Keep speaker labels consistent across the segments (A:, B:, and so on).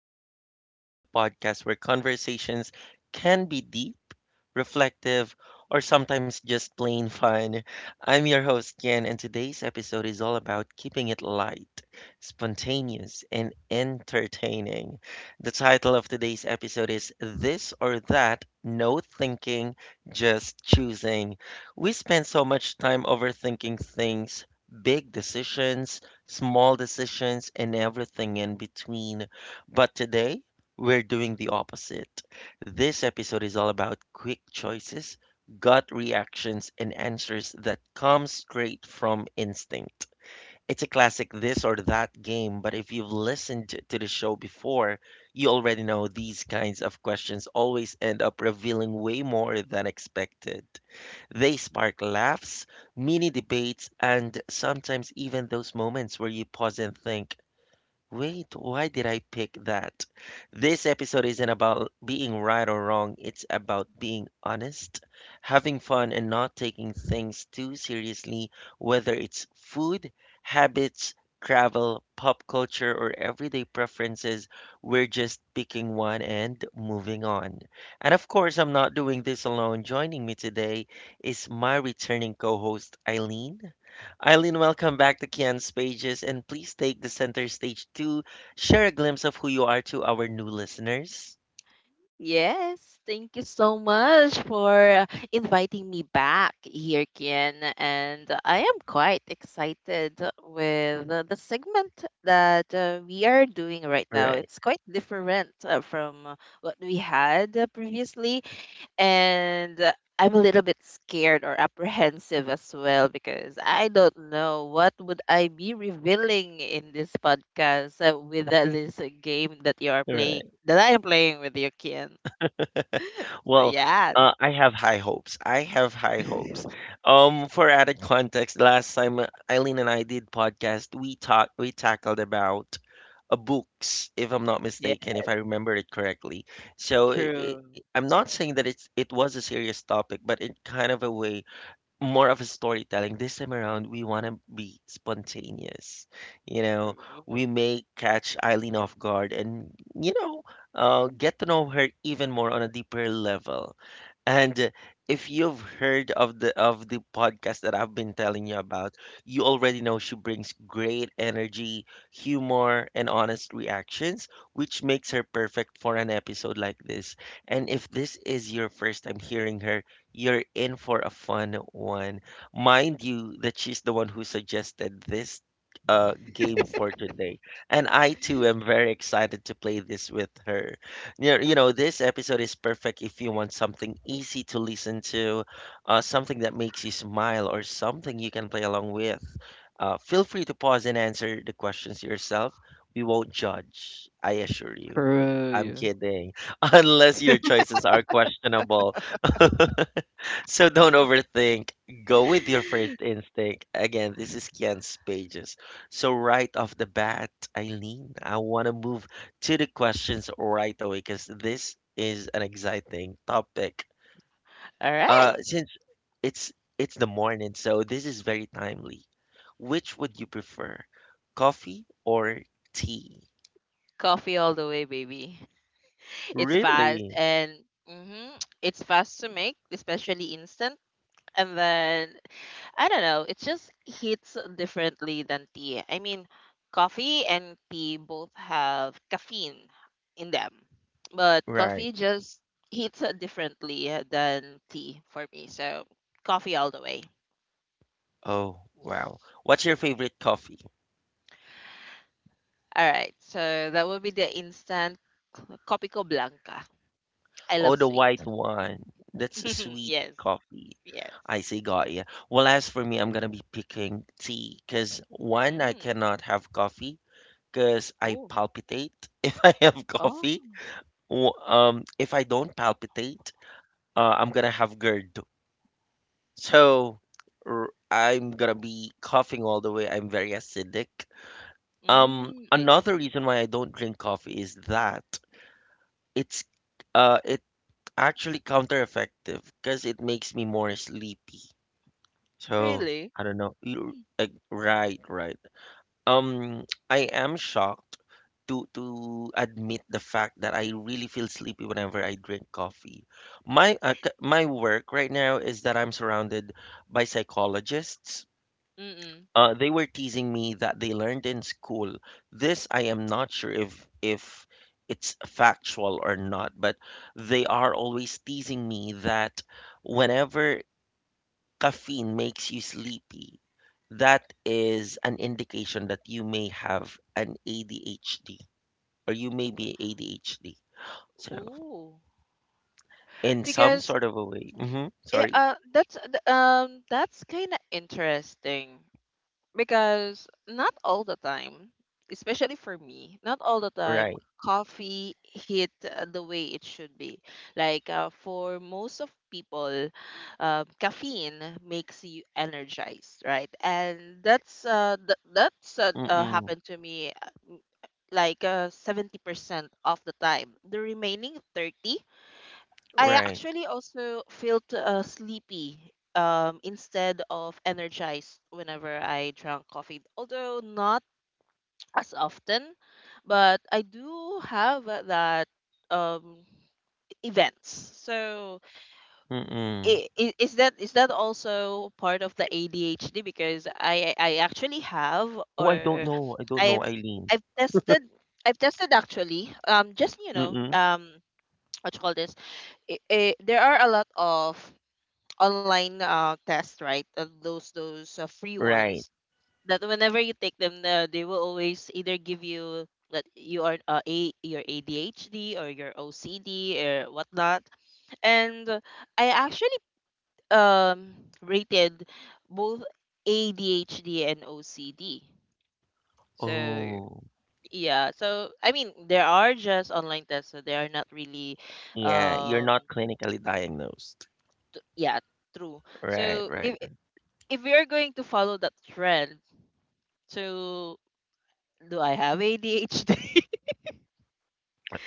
A: to Kian's Pages, the podcast where conversations can be deep, reflective, or sometimes just plain fun. I'm your host, Kian, and today's episode is all about keeping it light, spontaneous, and entertaining. The title of today's episode is This or That, No Thinking, Just Choosing. We spend so much time overthinking things. Big decisions, small decisions, and everything in between. But today, we're doing the opposite. This episode is all about quick choices, gut reactions, and answers that come straight from instinct. It's a classic this or that game, but if you've listened to the show before, you already know these kinds of questions always end up revealing way more than expected. They spark laughs, mini debates, and sometimes even those moments where you pause and think, wait, why did I pick that? This episode isn't about being right or wrong, it's about being honest, having fun, and not taking things too seriously, whether it's food, habits, travel, pop culture, or everyday preferences. We're just picking one and moving on. And of course, I'm not doing this alone. Joining me today is my returning co host, Eileen. Eileen, welcome back to Kian's Pages, and please take the center stage to share a glimpse of who you are to our new listeners.
B: Yes, thank you so much for inviting me back here, Kian. And I am quite excited with the segment that we are doing right now.
A: Right,
B: It's quite different from what we had previously. And I'm a little bit scared or apprehensive as well because I don't know what would I be revealing in this podcast with this game that you are playing
A: right.
B: that I am playing with you, Kian. So
A: Well,
B: yeah,
A: I have high hopes. I have high hopes. For added context, last time Eileen and I did podcast, we talked, we tackled about books, if I'm not
B: yeah,
A: mistaken, if I remember it correctly. So I
B: true,
A: I'm not saying that it was a serious topic, but in kind of a way more of a storytelling. This time around, we want to be spontaneous. You know,
B: true.
A: we
B: All
A: may catch Eileen off guard and, you know, get to know her even more on a deeper level. And if you've heard of the podcast that I've been telling you about, you already know she brings great energy, humor, and honest reactions, which makes her perfect for an episode like this. And if this is your first time hearing her, you're in for a fun one. Mind you, that she's the one who suggested this game for today. And I too am very excited to play this with her. You know, this episode is perfect if you want something easy to listen to, something that makes you smile, or something you can play along with. Feel free to pause and answer the questions yourself. We won't judge, I assure you. I'm kidding. Unless your choices are questionable. So don't overthink. Go with your first instinct. Again, this is Kian's Pages. So right off the bat, Eileen, I want to move to the questions right away because this is an exciting topic. Uh,
B: right,
A: since it's it's the morning, so this is very timely. Which would you prefer, coffee or tea?
B: coffee all the way, baby. It's fast
A: Really?
B: and it's fast to make, especially instant. And then I don't know, it just hits differently than tea. I mean, coffee and tea both have caffeine in them, but
A: Right.
B: coffee just hits differently than tea for me. So coffee all the way.
A: Oh, wow. What's your favorite coffee?
B: Alright, so that will be the instant Copico Blanca. I
A: Oh,
B: love
A: the
B: sweet.
A: white one. That's a sweet
B: Yes,
A: coffee.
B: yes.
A: I see, got ya. Well, as for me, I'm gonna be picking tea, 'cause one, I
B: Mm.
A: cannot have coffee, 'cause I
B: Oh,
A: palpitate if I have
B: oh.
A: coffee. W- If I don't palpitate, I'm gonna have GERD. So, r- I'm gonna be coughing all the way. I'm very acidic.
B: Mm, I
A: Another
B: see.
A: reason why I don't drink coffee is that it's it actually countereffective because it makes me more sleepy. So
B: Really?
A: I don't know. You- Like, right, right. Um, I am shocked to admit the fact that I really feel sleepy whenever I drink coffee. My work right now is that I'm surrounded by psychologists,
B: Mm-mm.
A: they were teasing me that they learned in school. This I am not sure if it's factual or not, but they are always teasing me that whenever caffeine makes you sleepy, that is an indication that you may have an ADHD or you may be ADHD. So,
B: Ooh.
A: in some
B: Because
A: sort of a way. Mm-hmm.
B: it,
A: Sorry.
B: that's kind of interesting. Because not all the time, especially for me, not all the time
A: Right.
B: coffee hit the way it should be. Like for most of people, caffeine makes you energized, right? And that's
A: Mm-mm.
B: happened to me like 70% of the time. The remaining 30 I
A: Right.
B: actually also felt sleepy instead of energized whenever I drank coffee, although not as often, but I do have that um, events. So
A: Mm-mm.
B: is that also part of the ADHD? Because I actually have
A: Oh, I
B: or
A: don't know. I don't
B: I've
A: know,
B: I've
A: Eileen.
B: tested I've tested actually just
A: Mm-mm.
B: what you call this I there are a lot of online tests, right? Those free
A: Right.
B: ones that whenever you take them, they will always either give you that you are a your ADHD or your OCD or whatnot. And I actually um rated both ADHD and OCD. So
A: Oh,
B: yeah, so I mean there are just online tests, so they are not really
A: yeah, you're
B: um
A: not clinically diagnosed.
B: yeah, true.
A: Right,
B: So
A: right,
B: if we are going to follow that trend, so, do I have ADHD?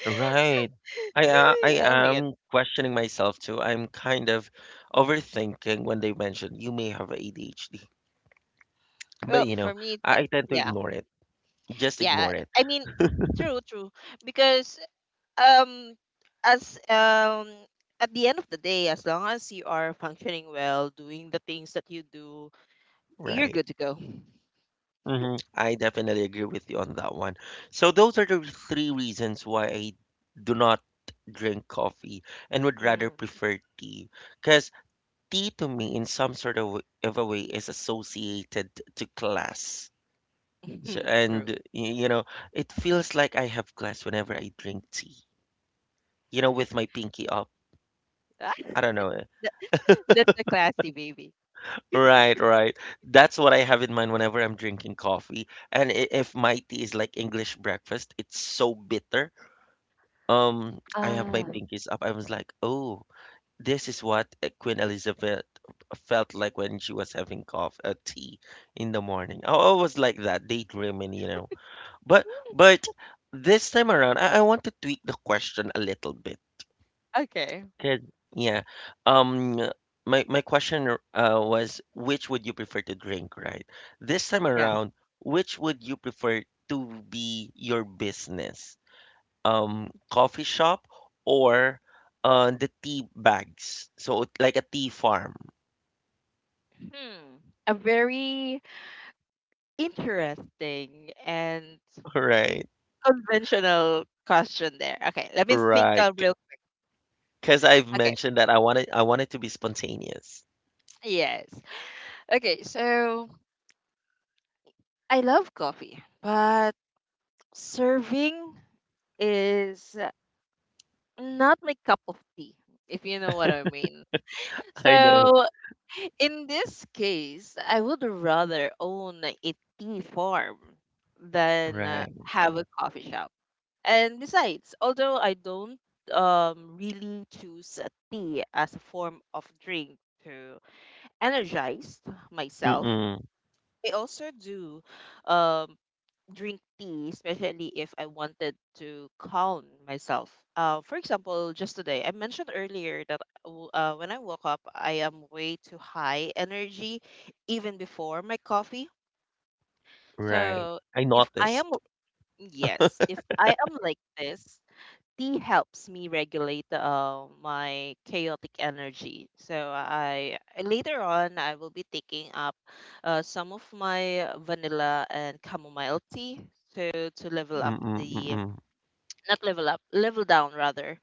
A: right. I
B: Oh my god.
A: am questioning myself too. I'm kind of overthinking when they mention you may have ADHD, but
B: Well, for me,
A: I
B: that,
A: I tend to
B: yeah,
A: ignore it. Just
B: yeah.
A: ignore it.
B: I mean, true, true. Because um, as at the end of the day, as long as you are functioning well, doing the things that you do, you're
A: Right.
B: good to go.
A: I definitely agree with you on that one. So those are the three reasons why I do not drink coffee and would rather
B: Mm.
A: prefer tea. Because tea to me in some sort of a way is associated to class. So, and
B: True.
A: y- you know, it feels like I have class whenever I drink tea. You know, with my pinky up.
B: Ah,
A: I don't know. Eh.
B: that, that's a classy baby.
A: Right, right. That's what I have in mind whenever I'm drinking coffee. And if my tea is like English breakfast, it's so bitter. I have my
B: Ah,
A: pinkies up. I was like, oh, this is what Queen Elizabeth felt like when she was having tea in the morning. I always like that, daydreaming. But this time around, I want to tweak the question a little bit.
B: okay.
A: 'Cause, yeah, um, my question was which would you prefer to drink, right? This time
B: Yeah.
A: around, which would you prefer to be your business? Coffee shop, or the tea bags. So, like a tea farm,
B: Hmm. A very interesting and
A: right?
B: conventional question there. Okay, let me think a
A: Right.
B: real.
A: Because I've
B: Okay,
A: mentioned that I wanted to be spontaneous.
B: yes. Okay, so I love coffee, but serving is not my cup of tea, if you know what I mean.
A: I know.
B: So in this case, I would rather own a tea farm than
A: Right.
B: have a coffee shop. And besides, although I don't really choose a tea as a form of drink to energized myself.
A: Mm-mm.
B: I also do um, drink tea, especially if I wanted to calm myself. For example, just today, I mentioned earlier that when I woke up, I am way too high energy even before my coffee.
A: Right.
B: So
A: I
B: if I am,
A: noticed.
B: yes, if I am like this, tea helps me regulate my chaotic energy. So I later on I will be taking up some of my vanilla and chamomile tea to level up
A: Mm-mm,
B: the
A: mm-mm.
B: not level up level down rather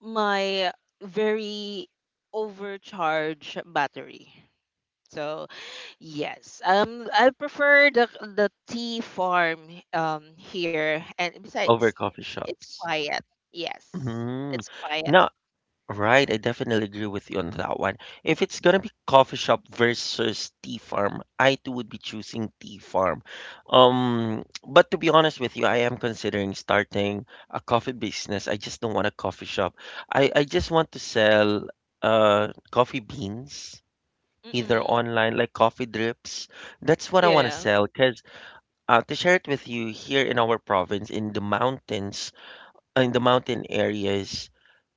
B: my very overcharged battery. So yes, I prefer the tea farm here, and besides,
A: Over coffee
B: it's
A: shops.
B: quiet. Yes,
A: Mm.
B: it's quiet.
A: Now. Right, I definitely agree with you on that one. If it's gonna be coffee shop versus tea farm, I too would be choosing tea farm. But to be honest with you, I am considering starting a coffee business. I just don't want a coffee shop. I just want to sell coffee beans, either
B: Mm.
A: online, like coffee drips. That's what I want to
B: Yeah.
A: sell because to share it with you, here in our province in the mountains, in the mountain areas,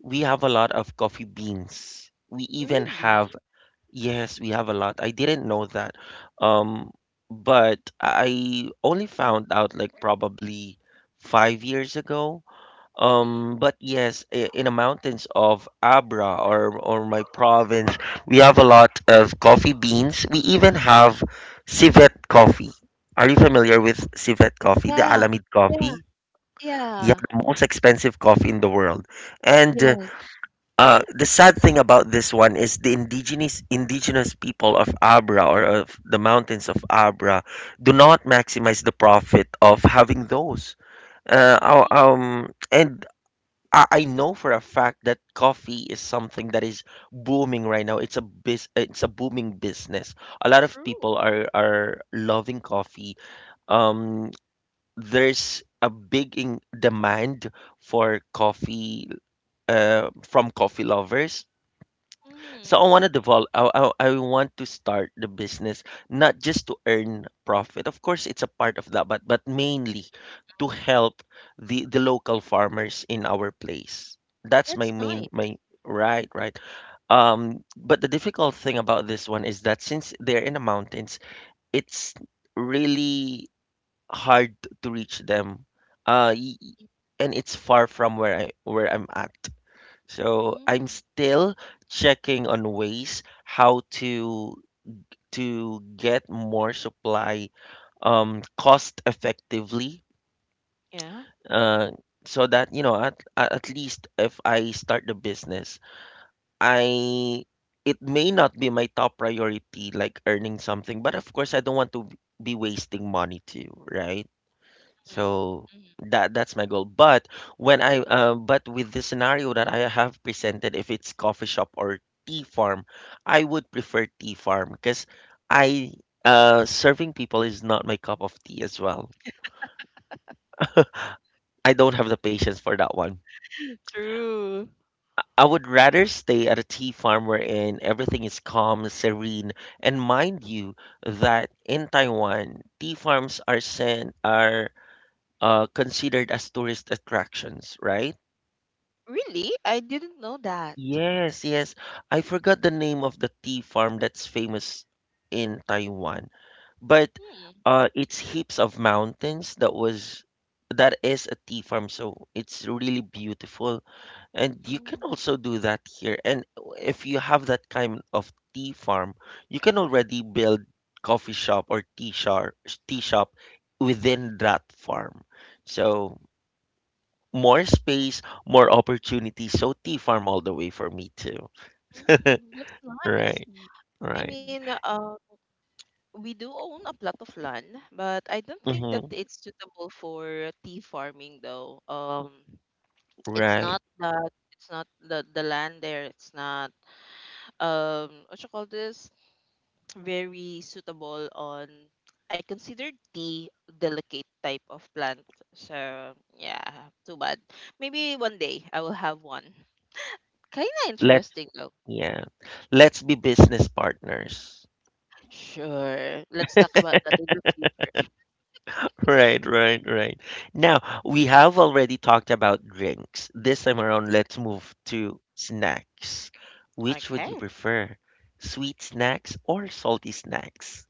A: we have a lot of coffee beans. We even have,
B: Really?
A: yes, we have a lot. I didn't know that. Um, but I only found out like probably 5 years ago.
B: Mhm.
A: But yes, in the mountains of Abra, or my province, we have a lot of coffee beans. We even have civet coffee. Are you familiar with civet coffee, the
B: Yeah.
A: Alamid
B: Yeah.
A: coffee? Yeah,
B: Yeah.
A: the most expensive coffee in the world. And
B: Yeah.
A: the sad thing about this one is the indigenous people of Abra, or of the mountains of Abra, do not maximize the profit of having those.
B: Mm.
A: And I know for a fact that coffee is something that is booming right now. It's a booming business. A lot of
B: True.
A: people are loving coffee. Um, there's a big in demand for coffee, from coffee lovers. So
B: Mhm.
A: I want to develop. I want to start the business, not just to earn profit. Of course, it's a part of that, but mainly to help the local farmers in our place. That's my
B: That's
A: main
B: nice.
A: my right right. But the difficult thing about this one is that since they're in the mountains, it's really hard to reach them. Uh, y- y- and it's far from where I'm at. So I'm
B: Mm.
A: still checking on ways how to get more supply, cost effectively.
B: Yeah.
A: Uh, so that, at least if I start the business, I it may not be my top priority, like earning something, but of course I don't want to be wasting money too, right?
B: Mm.
A: So that's my goal. But when I but with the scenario that I have presented, if it's coffee shop or tea farm, I would prefer tea farm because I serving people is not my cup of tea as well. I don't have the patience for that one.
B: True.
A: I would rather stay at a tea farm wherein everything is calm, serene, and mind you that in Taiwan, tea farms are considered as tourist attractions, right?
B: Really? I didn't know that.
A: Yes, yes. I forgot the name of the tea farm that's famous in Taiwan. But
B: Mm.
A: it's heaps of mountains that is a tea farm, so it's really beautiful. And you can
B: Mm.
A: also do that here. And if you have that kind of tea farm, you can already build coffee shop or tea shop within that farm. So more space, more opportunities. So tea farm all the way for me too.
B: Mm. That's nice.
A: Right.
B: I
A: Right.
B: mean, we do own a plot of land, but I don't think that
A: Hmm.
B: it's suitable for tea farming though. It's
A: Right.
B: not that it's not the land there. It's not what you call this very suitable on I consider the delicate type of plant. So yeah, too bad. Maybe one day I will have one. Kinda
A: Let's,
B: interesting though.
A: yeah, let's be business partners.
B: Sure. Let's talk about that in the future.
A: Right, right, right. Now, we have already talked about drinks. This time around, let's move to snacks. Which would
B: Okay.
A: you prefer? Sweet snacks or salty snacks?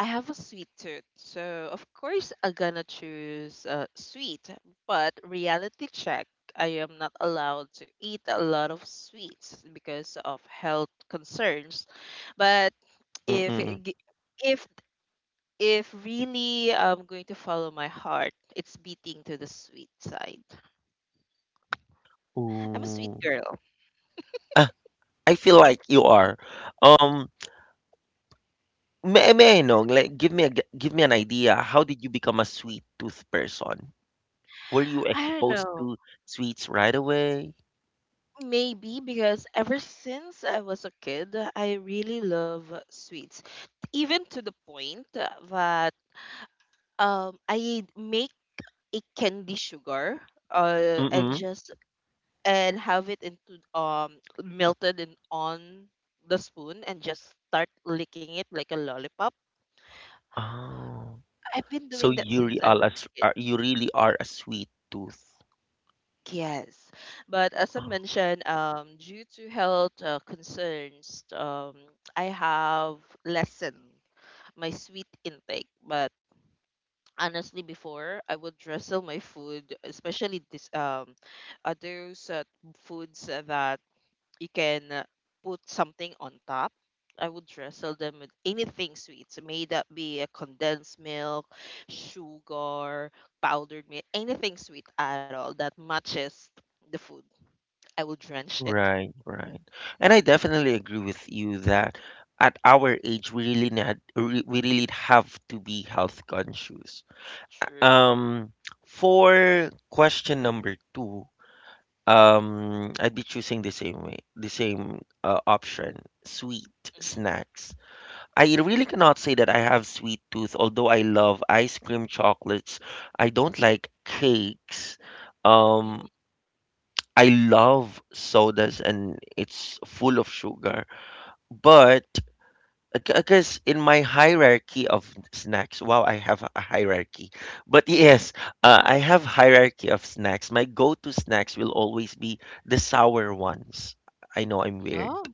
B: I have a sweet tooth, so of course I'm gonna choose sweet. But reality check, I am not allowed to eat a lot of sweets because of health concerns. But if
A: Mm-mm.
B: it gi- if if really I'm going to follow my heart, it's beating to the sweet side. I'm a sweet
A: Ooh.
B: girl.
A: Ah, I feel like you are. Um, may I know, like, give me a, give me an idea. How did you become a sweet tooth person? Were you
B: I don't
A: exposed
B: know.
A: to sweets right away?
B: Maybe because ever since I was a kid, I really love sweets. Even to the point that I make a candy sugar and
A: Mm.
B: just and have it into melted and on the spoon and just start licking it like a lollipop.
A: Oh,
B: I've been
A: so
B: doing that
A: you re
B: since I
A: all
B: was a
A: as
B: kid.
A: are you really are a sweet tooth.
B: Yes. But as I
A: Oh,
B: mentioned, due to health concerns, I have lessened my sweet intake. But honestly, before I would wrestle my food, especially this those foods that you can put something on top. I would wrestle them with anything sweet. So may that be a condensed milk, sugar, powdered milk, anything sweet at all that matches the food. I will drench it.
A: right, right. And I definitely agree with you that at our age we really have to be health conscious.
B: True.
A: Um, for question number two, I'd be choosing the same way, the same option, sweet snacks. I really cannot say that I have sweet tooth, although I love ice cream chocolates. I don't like cakes.
B: Mm-hmm.
A: Um, I love sodas and it's full of sugar. But because in my hierarchy of snacks, wow, I have a hierarchy. But
B: Mm, mm.
A: yes, I have hierarchy of snacks. My go-to snacks will always be the sour ones. I know I'm weird.
B: Oh.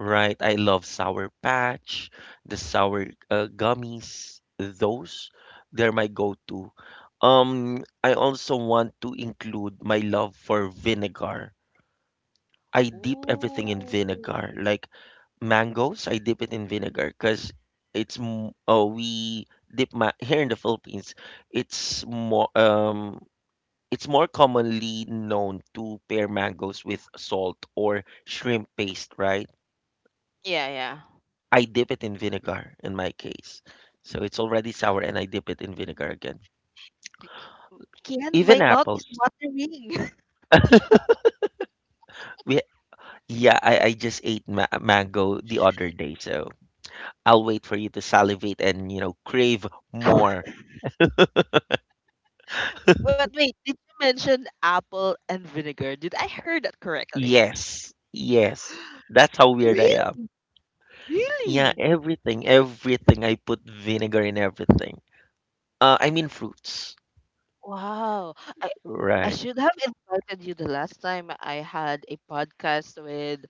A: Right, I love Sour Patch, the sour gummies. Those, they're my go-to. I also want to include my love for vinegar. I dip everything in
B: Ooh.
A: vinegar, like mangoes. I dip it in vinegar because it's m- oh we dip ma here in the Philippines. It's more um it's more commonly known to pair mangoes with salt or shrimp paste, right?
B: Yeah, yeah.
A: I dip it in vinegar in my case. So it's already sour and I dip it in vinegar again.
B: Kian,
A: Even
B: my mouth is
A: apples.
B: watering.
A: We yeah, I just ate mango the other day, so I'll wait for you to salivate and crave more.
B: But wait, did you mention apple and vinegar? Did I hear that correctly?
A: Yes. Yes. That's how weird I am.
B: Really?
A: Yeah,
B: Really?
A: everything. I put vinegar in everything. I mean fruits.
B: Wow. I I
A: Right.
B: should have invited you the last time I had a podcast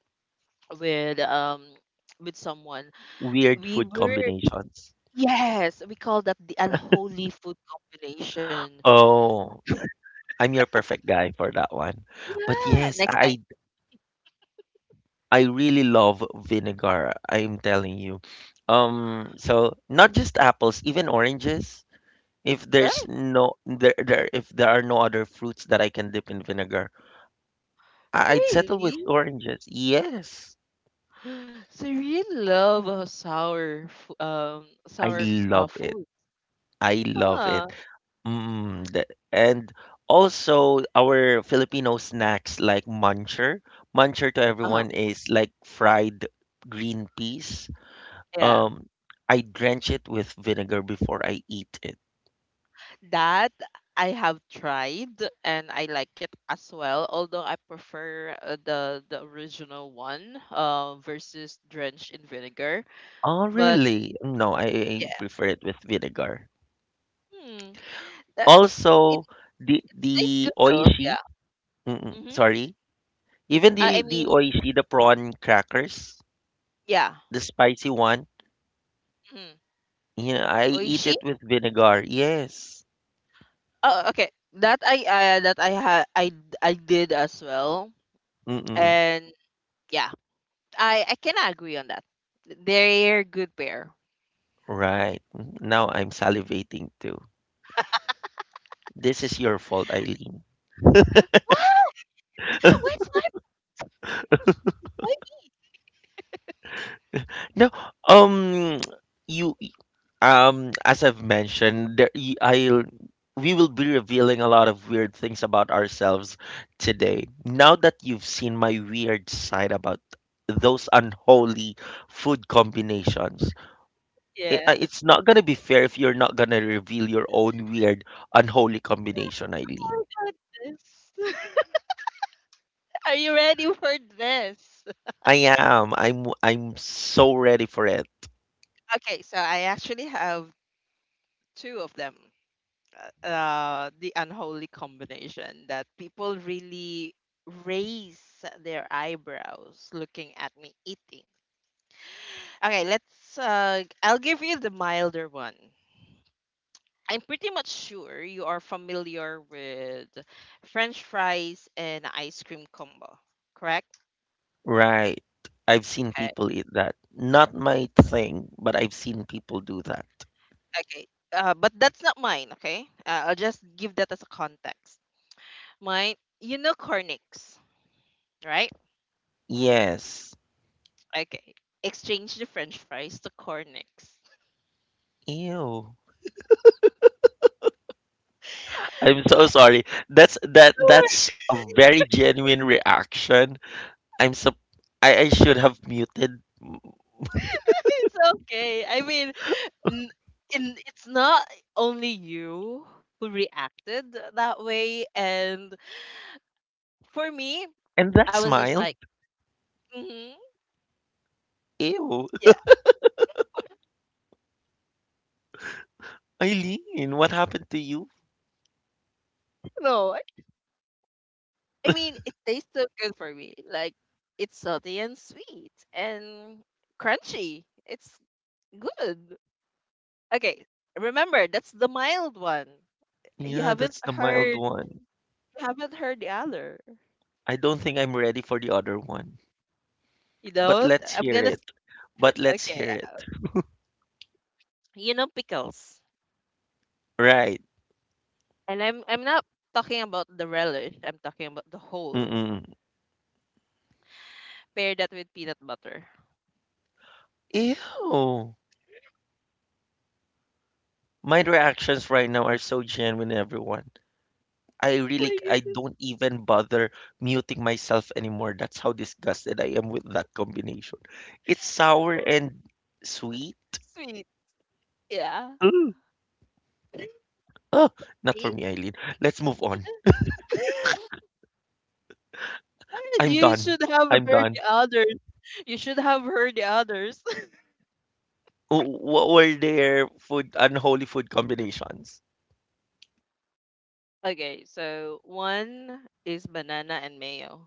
B: with um with someone.
A: Weird
B: We
A: food
B: were
A: combinations.
B: yes, we call that the unholy food combination.
A: Oh, I'm your perfect guy for that one. But
B: Yeah,
A: yes,
B: next time.
A: I really love vinegar, I'm telling you. So not just apples, even oranges.
B: Eh,
A: If there are no other fruits that I can dip in vinegar, I'd settle with
B: really?
A: oranges. Yes,
B: So you really love
A: I
B: sour
A: love it.
B: food.
A: I love
B: Ah,
A: it. Mm, and also our Filipino snacks like muncher. Muncher to
B: uh-huh.
A: everyone is like fried green peas.
B: Yeah.
A: Um, I drench it with vinegar before I eat it.
B: That I have tried and I like it as well, although I prefer the original one versus drenched in vinegar.
A: Oh,
B: But
A: really? No, I
B: yeah.
A: prefer it with vinegar.
B: Hmm. That, it
A: Also, the
B: tastes good
A: the
B: though.
A: oishi,
B: Yeah.
A: mm-mm,
B: Mm-hmm.
A: sorry, even
B: Uh,
A: the
B: I
A: the
B: mean,
A: oishi, the prawn crackers,
B: yeah.
A: the spicy one.
B: Mm.
A: Yeah, I eat
B: Oishi?
A: it with vinegar. Yes.
B: Oh, okay. That I had I d- I did as well.
A: Mm-mm,
B: And yeah, I can agree on that. They're good pair.
A: right. Mm, now I'm salivating too. This is your fault, Eileen.
B: What? Where's my
A: No, um, you as I've mentioned, there, I'll we will be revealing a lot of weird things about ourselves today. Now that you've seen my weird side about those unholy food combinations,
B: yeah.
A: it's not gonna be fair if you're not gonna reveal your own weird unholy combination, Eileen.
B: Oh my goodness. Are you ready for this?
A: I am. I'm. I'm so ready for it.
B: Okay, so I actually have two of them. The unholy combination that people really raise their eyebrows looking at me eating. Okay, let's. I'll give you the milder one. I'm pretty much sure you are familiar with French fries and ice cream combo, correct?
A: Right. I've seen
B: Okay.
A: people eat that. Not my thing, but I've seen people do that.
B: Okay. But that's not mine, okay? I'll just give that as a context. Mine, you know Cornix, right?
A: Yes.
B: Okay. Exchange the french fries to Cornix.
A: Ew. I'm so sorry. That's a very genuine reaction. I'm so I should have muted.
B: It's okay. I mean, n- it's not only you who reacted that way. And for me,
A: And that
B: I was just
A: smile.
B: like, mm-hmm,
A: Ew.
B: yeah.
A: Eileen, what happened to you?
B: No, I mean, it tastes so good for me. Like it's salty and sweet and crunchy. It's good. Okay, remember that's the mild one. You
A: Yeah,
B: haven't
A: that's the mild
B: heard.
A: one.
B: You haven't heard the other.
A: I don't think I'm ready for the other one.
B: You
A: But
B: know,
A: let's
B: I'm
A: hear
B: gonna.
A: it.
B: s-
A: But let's
B: okay,
A: hear it.
B: you know pickles,
A: Right.
B: and I'm not talking about the relish. I'm talking about the whole.
A: Mm-mm.
B: Pair that with peanut butter.
A: Ew. My reactions right now are so genuine, everyone.
B: Oh my
A: I
B: goodness,
A: don't even bother muting myself anymore. That's how disgusted I am with that combination. It's sour and sweet.
B: sweet. Yeah.
A: Ooh, ah, not for
B: See?
A: me, Eileen. Let's move on. I'm
B: You
A: done.
B: should have
A: I'm
B: heard the
A: done.
B: others. You should have heard the others.
A: What were their food unholy food combinations?
B: Okay, so one is banana and mayo.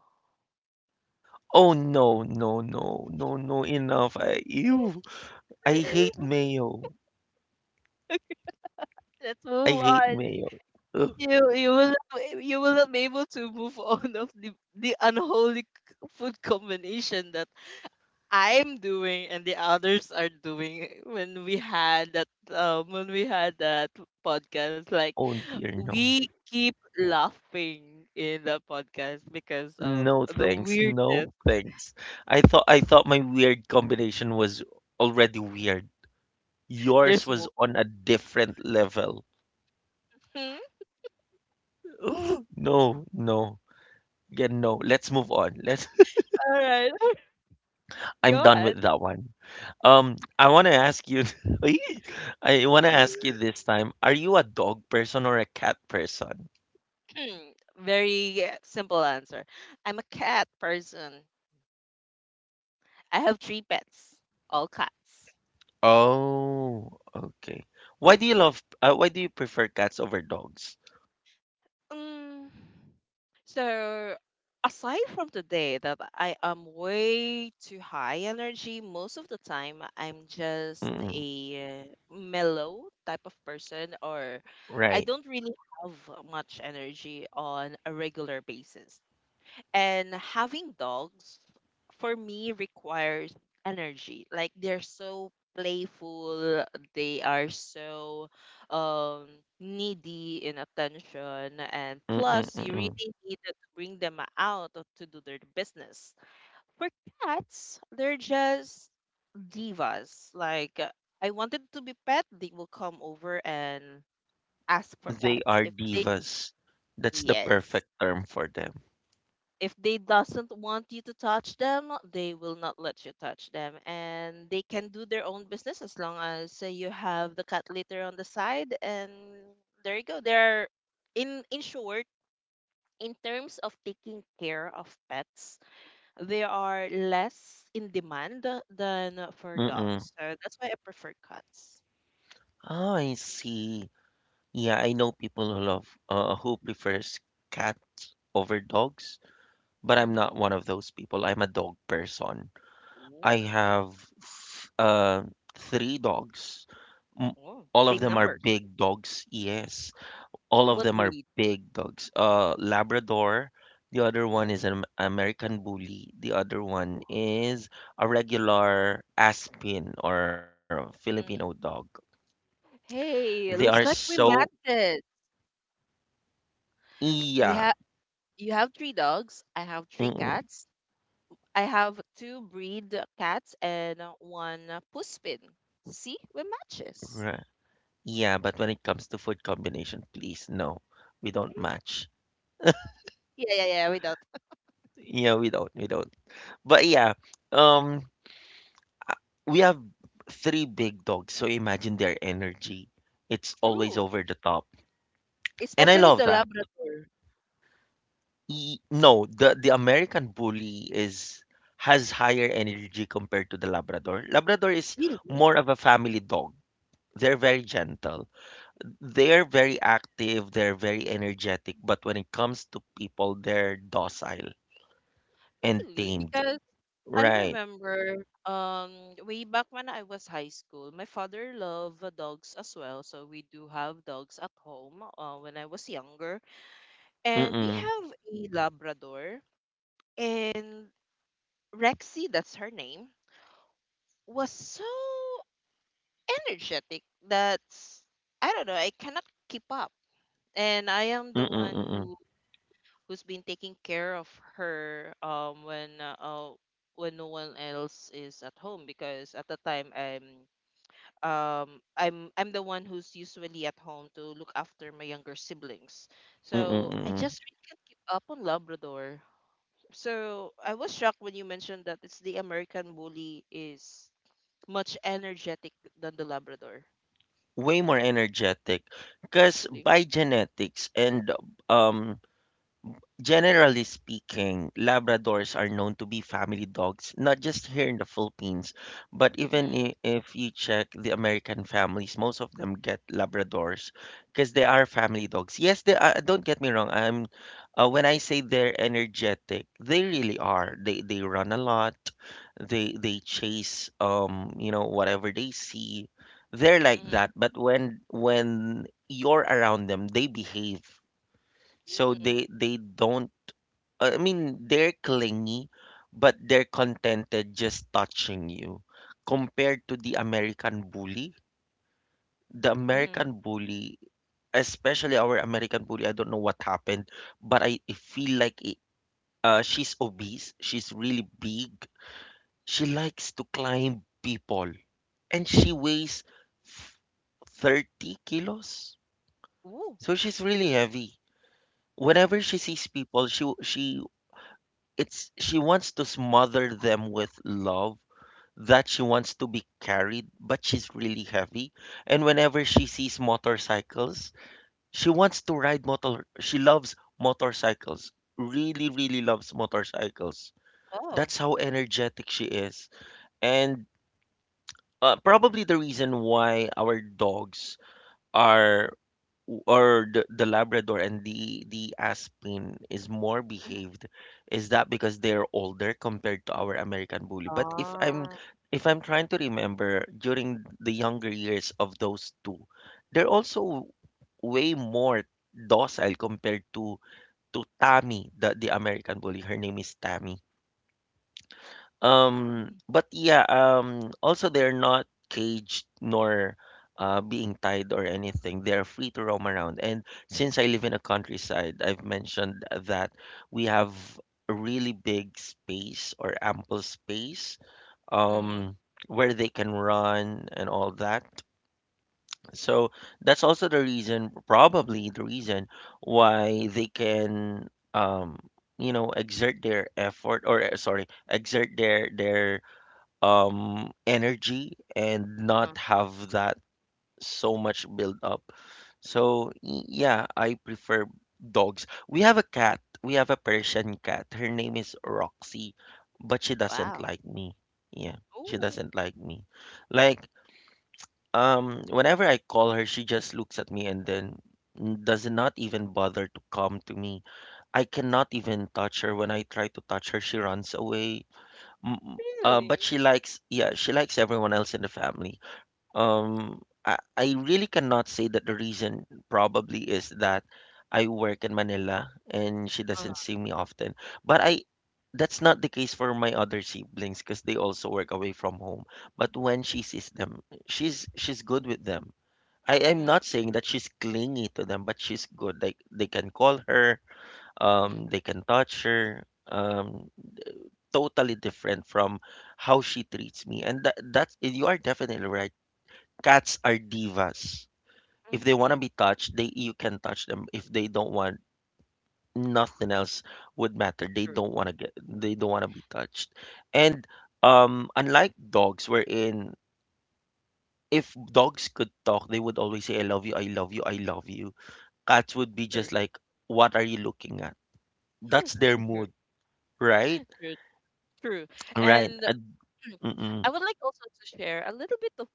A: Oh, no, no, no, no, no, enough. Ew. I hate mayo.
B: Let's
A: I
B: move
A: hate
B: on.
A: mayo. Ugh.
B: You you will you will not be able to move on of the unholy food combination that I'm doing and the others are doing when we had that um when we had that podcast like
A: Oh dear, no.
B: we keep laughing in the podcast because of
A: No
B: the
A: thanks. No
B: weirdness.
A: thanks. I thought my weird combination was already weird. Yours
B: There's
A: was
B: more
A: on a different level.
B: all
A: No, no. Yeah, no. Let's move on. Let's
B: right.
A: I'm
B: Go
A: done
B: ahead.
A: with that one. I want to ask you Ay! I want to ask you this time, are you a dog person or a cat person?
B: Very simple answer. I'm a cat person. I have 3 pets, all cats.
A: Oh, okay. Why do you love why do you prefer cats over dogs?
B: Mm, so aside from the day that I am way too high energy, most of the time I'm just
A: Mm-mm,
B: a mellow type of person, or I
A: right.
B: don't really have much energy on a regular basis. And having dogs for me requires energy. Like they're so playful, they are so um needy in attention, and
A: Mm, mm,
B: plus you really
A: mm.
B: need to bring them out to do their business. For cats, they're just divas. Like I wanted to be pet, they will come over and ask for
A: They
B: pets
A: are
B: if they
A: divas. That's the
B: yes
A: perfect term for them.
B: if they doesn't want you to touch them, they will not let you touch them, and they can do their own business as long as you have the cat litter on the side. And there you go. There are, in short, in terms of taking care of pets, they are less in demand than for
A: Mm-mm.
B: dogs. So that's why I prefer cats.
A: Oh, I see. Yeah, I know people who love who prefers cats over dogs, but I'm not
B: Mm-hmm.
A: one of those people. I'm a dog person. I
B: Ooh.
A: have three dogs. M-
B: Oh,
A: All of
B: same
A: them are
B: numbers.
A: big dogs. Yes. All of
B: What
A: them are
B: breed?
A: big dogs. Labrador. The other one
B: Oh.
A: is an American Bully. The other one
B: Ooh.
A: is a regular Aspin or Filipino dog.
B: Mm.
A: They
B: Hey,
A: are
B: looks like we
A: so
B: matched it. We
A: yeah.
B: have. You have 3 dogs. I have three
A: Mm-mm,
B: cats. I have 2 breed cats and one puss pin. See, we matches.
A: right. Yeah, but when it comes to food combination, please no. We don't match.
B: Yeah, yeah, yeah. Without
A: Yeah, we don't. But yeah, um we have three big dogs, so imagine their
B: mm,
A: energy. It's always
B: true,
A: over the top. And I
B: especially
A: love
B: the
A: that.
B: Labrador.
A: E no, the American Bully is has higher energy compared to the Labrador. Labrador is
B: Really,
A: more of a family dog. They're very gentle. They're very active, they're very energetic, but when it comes to people, they're docile and tamed.
B: because I
A: Right.
B: remember way back when I was high school, my father loved dogs as well, so we do have dogs at home when I was younger, and we
A: Mm-mm.
B: have a Labrador and Rexy. That's her name. Was so energetic that I don't know, I cannot keep up. And I am the
A: Mm-mm.
B: one
A: Mm-mm.
B: who's been taking care of her when no one else is at home because at the time I'm the one who's usually at home to look after my younger siblings.
A: Mm-mm.
B: So I just
A: Mm-mm.
B: really can't keep up on Labrador. So I was shocked when you mentioned that it's the American bully is much energetic than the Labrador.
A: Way more energetic because
B: Really?
A: by genetics and um generally speaking, Labradors are known to be family dogs, not just here in the Philippines, but even
B: Mhm,
A: if you check the American families, most of them get Labradors because they are family dogs. Yes, they are, don't get me wrong. I'm when I say they're energetic, they really are. They run a lot. They chase you know, whatever they see. They're like
B: mhm,
A: that, but when you're around them, they behave. So
B: mm,
A: they don't I mean, they're clingy, but they're contented just touching you. Compared to the
B: mhm.
A: American bully, especially our American bully, I don't know what happened, but I feel like it, she's obese. She's really big. She likes to climb people, and she weighs f- 30 kilos.
B: Ooh,
A: So she's really heavy. Whenever she sees people, she w- she it's she wants to smother them with love that she wants to be carried, but she's really heavy, and whenever she sees motorcycles, she wants to ride motor she loves motorcycles, really really loves motorcycles.
B: oh.
A: That's how energetic she is. And probably the reason why our dogs are or the Labrador and the Aspen is more
B: Mhm.
A: behaved. Is that because they're older compared to our American Bully? But
B: Oh.
A: if I'm trying to remember during the younger years of those two, they're also way more docile compared to Tammy, the American Bully. Her name is Tammy.
B: Mm,
A: But yeah, also they're not caged nor being tied or anything. They're free to roam around. And since I live in a countryside, I've mentioned that we have a really big space or ample space,
B: mhm.
A: um, where they can run and all that. So that's also the reason, probably the reason why they can, um, you know, exert their effort or exert their energy and
B: Uh-huh.
A: not have that so much build up. So yeah, I prefer dogs. We have a cat. We have a Persian cat. Her name is Roxy, but she doesn't
B: Wow.
A: like me. Yeah, she
B: Ooh,
A: doesn't like me. Like whenever I call her, she just looks at me and then does not even bother to come to me. I cannot even touch her. When I try to touch her, she runs away. Mm, mm. But
B: really?
A: she likes, yeah, she likes everyone else in the family. I really cannot say that the reason probably is that I work in Manila and she
B: Uh-huh.
A: doesn't see me often. But I, that's not the case for my other siblings because they also work away from home. But when she sees them, she's good with them. I am
B: Mm,
A: not saying that she's clingy to them, but she's good. Like they can call her,
B: mm,
A: they can touch her. Totally different from how she treats me. And that's you are definitely right. Cats are divas.
B: mhm, mhm,
A: If they want to
B: mm.
A: be touched, they you can touch them. If they don't want, nothing else would matter.
B: True,
A: They don't want to be touched. And unlike dogs wherein if dogs could talk, they would always say I love you, I love you, I love you. Cats would be
B: true.
A: just like what are you looking at? That's their
B: True,
A: mood, right?
B: true, true.
A: Right.
B: And I
A: Mm-mm.
B: would like also to share a little bit of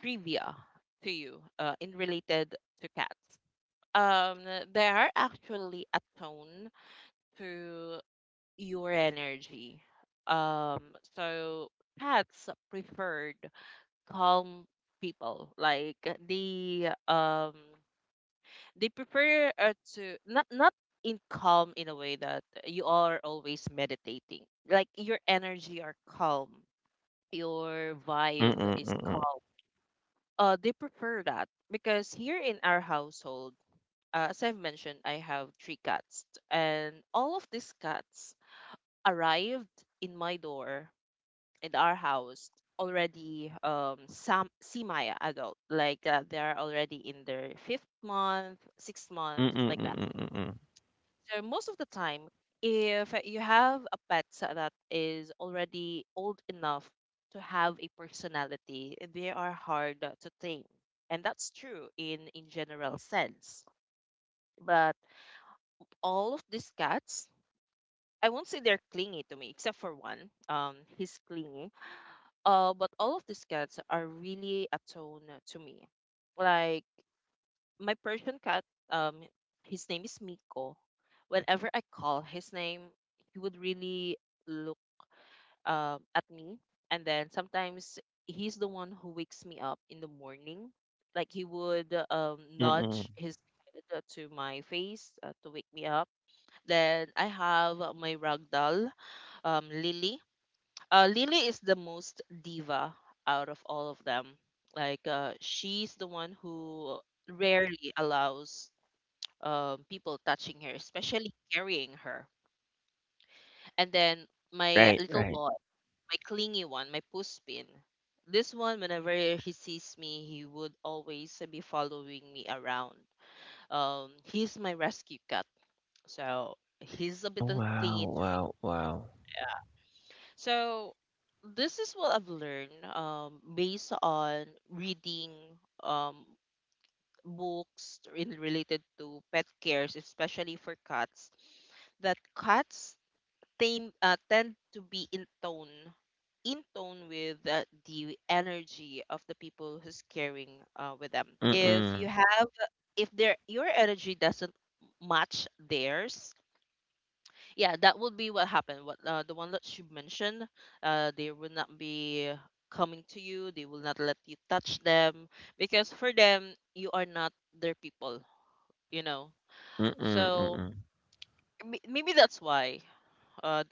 B: trivia to you, in related to cats. Um, there are actually a tone to your energy. So cats preferred calm people. Like they they prefer to not in calm in a way that you are always meditating. Like your energy are calm, your
A: Mm-mm.
B: vibe
A: Mm-mm.
B: is
A: Mm-mm.
B: calm. They prefer that because here in our household, as I've mentioned, I have three cats, and all of these cats arrived in my door in our house already some semi adult like they are already in their fifth month sixth month
A: Mm-mm.
B: like that,
A: Mm-mm.
B: so most of the time if you have a pet that is already old enough to have a personality they are hard to tame, and that's true in general sense, but all of these cats, I won't say they're clingy to me except for one. He's clingy. But all of these cats are really atone to me. Like my Persian cat, um, his name is Miko. Whenever I call his name, he would really look at me, and then sometimes he's the one who wakes me up in the morning. Like he would
A: Mm.
B: nudge his head to my face to wake me up. Then I have my ragdoll, um, Lily Lily is the most diva out of all of them. Like she's the one who rarely allows people touching her, especially carrying her. And then my
A: Right,
B: little
A: right.
B: boy, my clingy one, my puspin. This one, whenever he sees me, he would always be following me around. He's my rescue cat, so he's a
A: Oh,
B: bit of
A: wow,
B: clingy.
A: wow, wow.
B: So this is what I've learned based on reading um, books in, related to pet cares, especially for cats, that cats tend to be in tone with the energy of the people who's caring with them.
A: Mm,
B: If their your energy doesn't match theirs, yeah that would be what happened, what the one that you mentioned, they will not be coming to you, they will not let you touch them because for them you are not their people, you know.
A: mm,
B: So
A: mm.
B: may- maybe that's why uh,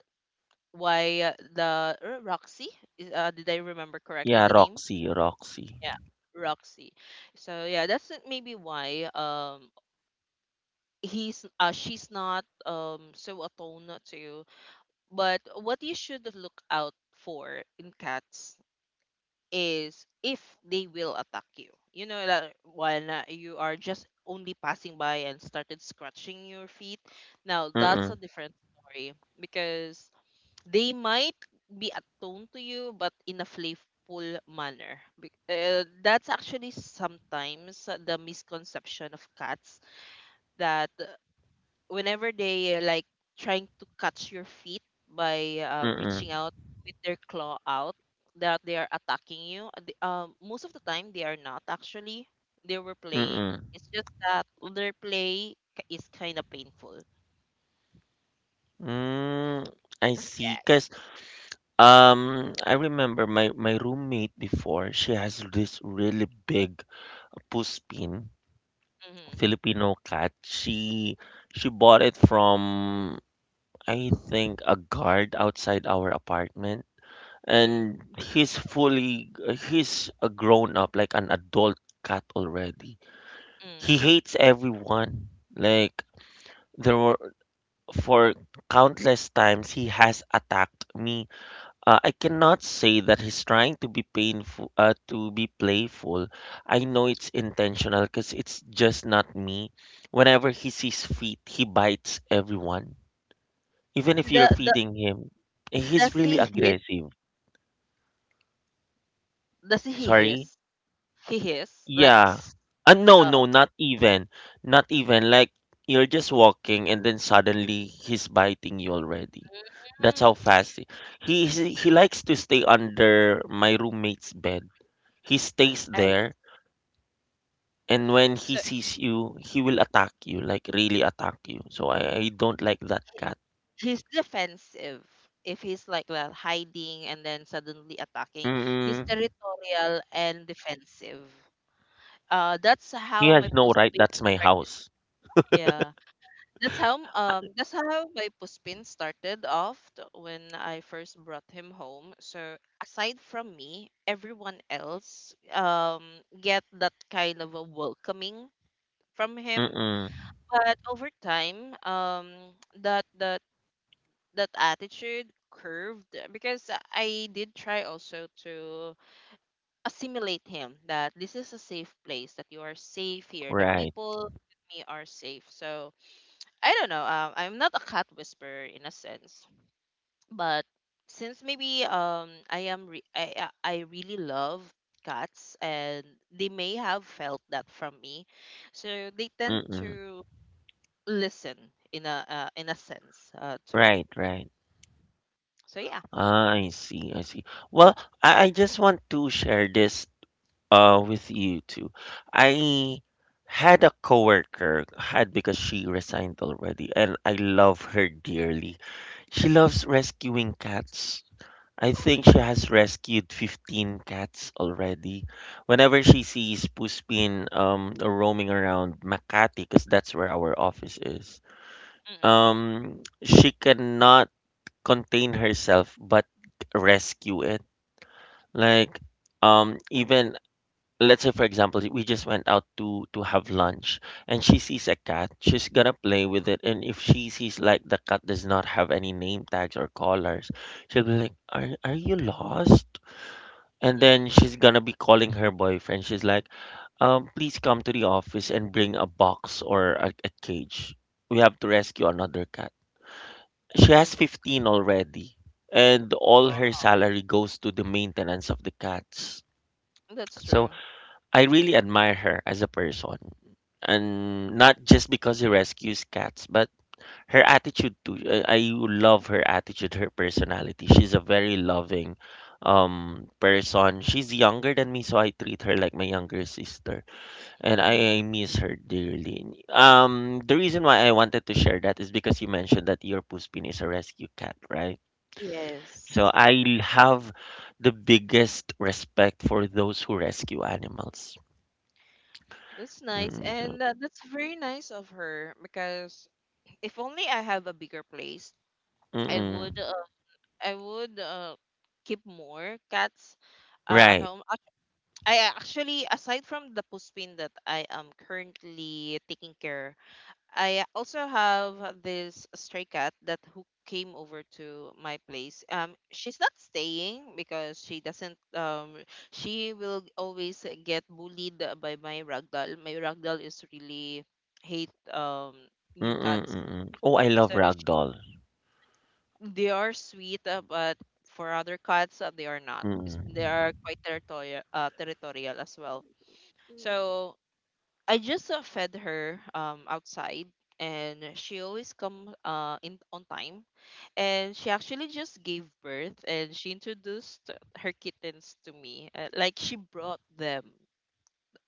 B: the roxy is- did I remember correctly
A: Yeah,
B: the name?
A: Roxy, Roxy.
B: Yeah, roxy. So yeah, that's it. Maybe why he's she's not so attuned to. But what you should look out for in cats is if they will attack you. You know that when you are just only passing by and started scratching your feet. Now that's
A: Mm,
B: a different story because they might be attuned to you, but in a playful manner. That's actually sometimes the misconception of cats that whenever they like trying to catch your feet by
A: mm,
B: reaching out with their claw out that they are attacking you. Most of the time they are not actually, they were playing.
A: mm.
B: It's just that their play is kind of painful.
A: Mm, I
B: Yeah.
A: see. 'Cause, I remember my roommate before, she has this really big Puspin,
B: Mm-hmm,
A: Filipino cat. She bought it from, I think, a guard outside our apartment.
B: mm-hmm,
A: And, he's a grown up like an adult cat already.
B: mm.
A: He hates everyone. Like there were for Countless times he has attacked me. I cannot say that he's trying to be painful to be playful. I know it's intentional because it's just not me. Whenever he sees feet, he bites everyone, even if you're
B: The
A: feeding him. He's
B: does
A: really
B: he hiss?
A: aggressive.
B: does he
A: Sorry.
B: hiss he hiss like
A: Yeah.
B: s-?
A: No,
B: Oh,
A: no,
B: okay.
A: not even. Not even. Like, you're just walking and then suddenly he's biting you already. That's how
B: Mm.
A: fast he. He likes to stay under my roommate's bed. He stays
B: I,
A: there, and when he sees you, he will attack you, like really attack you. So I don't like that cat.
B: he's defensive. If he's like well hiding and then suddenly attacking, he's
A: Mm-mm.
B: territorial and defensive. That's
A: He
B: how my
A: has no right.
B: puspin
A: That's my
B: started.
A: house.
B: Yeah, that's how my puspin started off t- when I first brought him home, so aside from me everyone else get that kind of a welcoming from him.
A: Mm-mm.
B: But over time, that that that attitude curved because I did try also to assimilate him that this is a safe place, that you are safe here, the
A: Right.
B: people with me are safe. So I don't know, I'm not a cat whisperer in a sense, but since maybe I am I really love cats, and they may have felt that from me, so they tend
A: Mm-mm.
B: to listen in a sense, to me.
A: Right, right.
B: So yeah.
A: Ah, I see, I see. Well, I just want to share this with you too. I had a coworker, had, because she resigned already, and I love her dearly. She loves rescuing cats. I think she
B: Mm,
A: has rescued 15 cats already. Whenever
B: that's
A: she sees Puspin roaming around Makati, because that's where our office is,
B: mm-mm.
A: she cannot contain herself but rescue it. Like, even, let's say, for example, we just went out to have lunch, and she sees a cat, she's gonna play with it. And if she sees, like, the cat does not have any name tags or collars, she'll be like, are you lost? And then
B: Mm-hmm.
A: she's gonna be calling her boyfriend. She's like, please come to the office and bring a box or a cage. We have to rescue another cat. She has
B: Mm-hmm.
A: 15 already, and all her
B: Wow.
A: salary goes to the maintenance of the cats.
B: That's
A: So
B: true.
A: I really admire her as a person. And not just because she rescues cats, but her attitude too. I love her attitude, her personality. She's a very loving person. She's younger than me, so I treat her like my younger sister. And
B: Mm.
A: I miss her dearly. The reason why I wanted to share that is because you mentioned that your Puspin is a rescue cat, right? So
B: Yes.
A: I have the biggest respect for those who rescue animals.
B: That's nice.
A: Mm, so,
B: And that's very nice of her because if only I have a bigger place, I
A: mm-mm.
B: would I would uh, keep more cats at
A: Right.
B: home. Ac- I actually aside from the puspin that I am currently taking care, I also have this stray cat that who came over to my place. She's not staying because she doesn't. She will always get bullied by my ragdoll. My ragdoll is really hate new
A: Mm-mm,
B: cats.
A: mm-mm. Oh, I love
B: So sh
A: ragdoll.
B: they are sweet, but for other cats, they are not. They
A: Mm-mm.
B: are quite territorial, as well. So I just fed her outside and she always come in on time, and she actually just gave birth and she introduced her kittens to me, like she brought them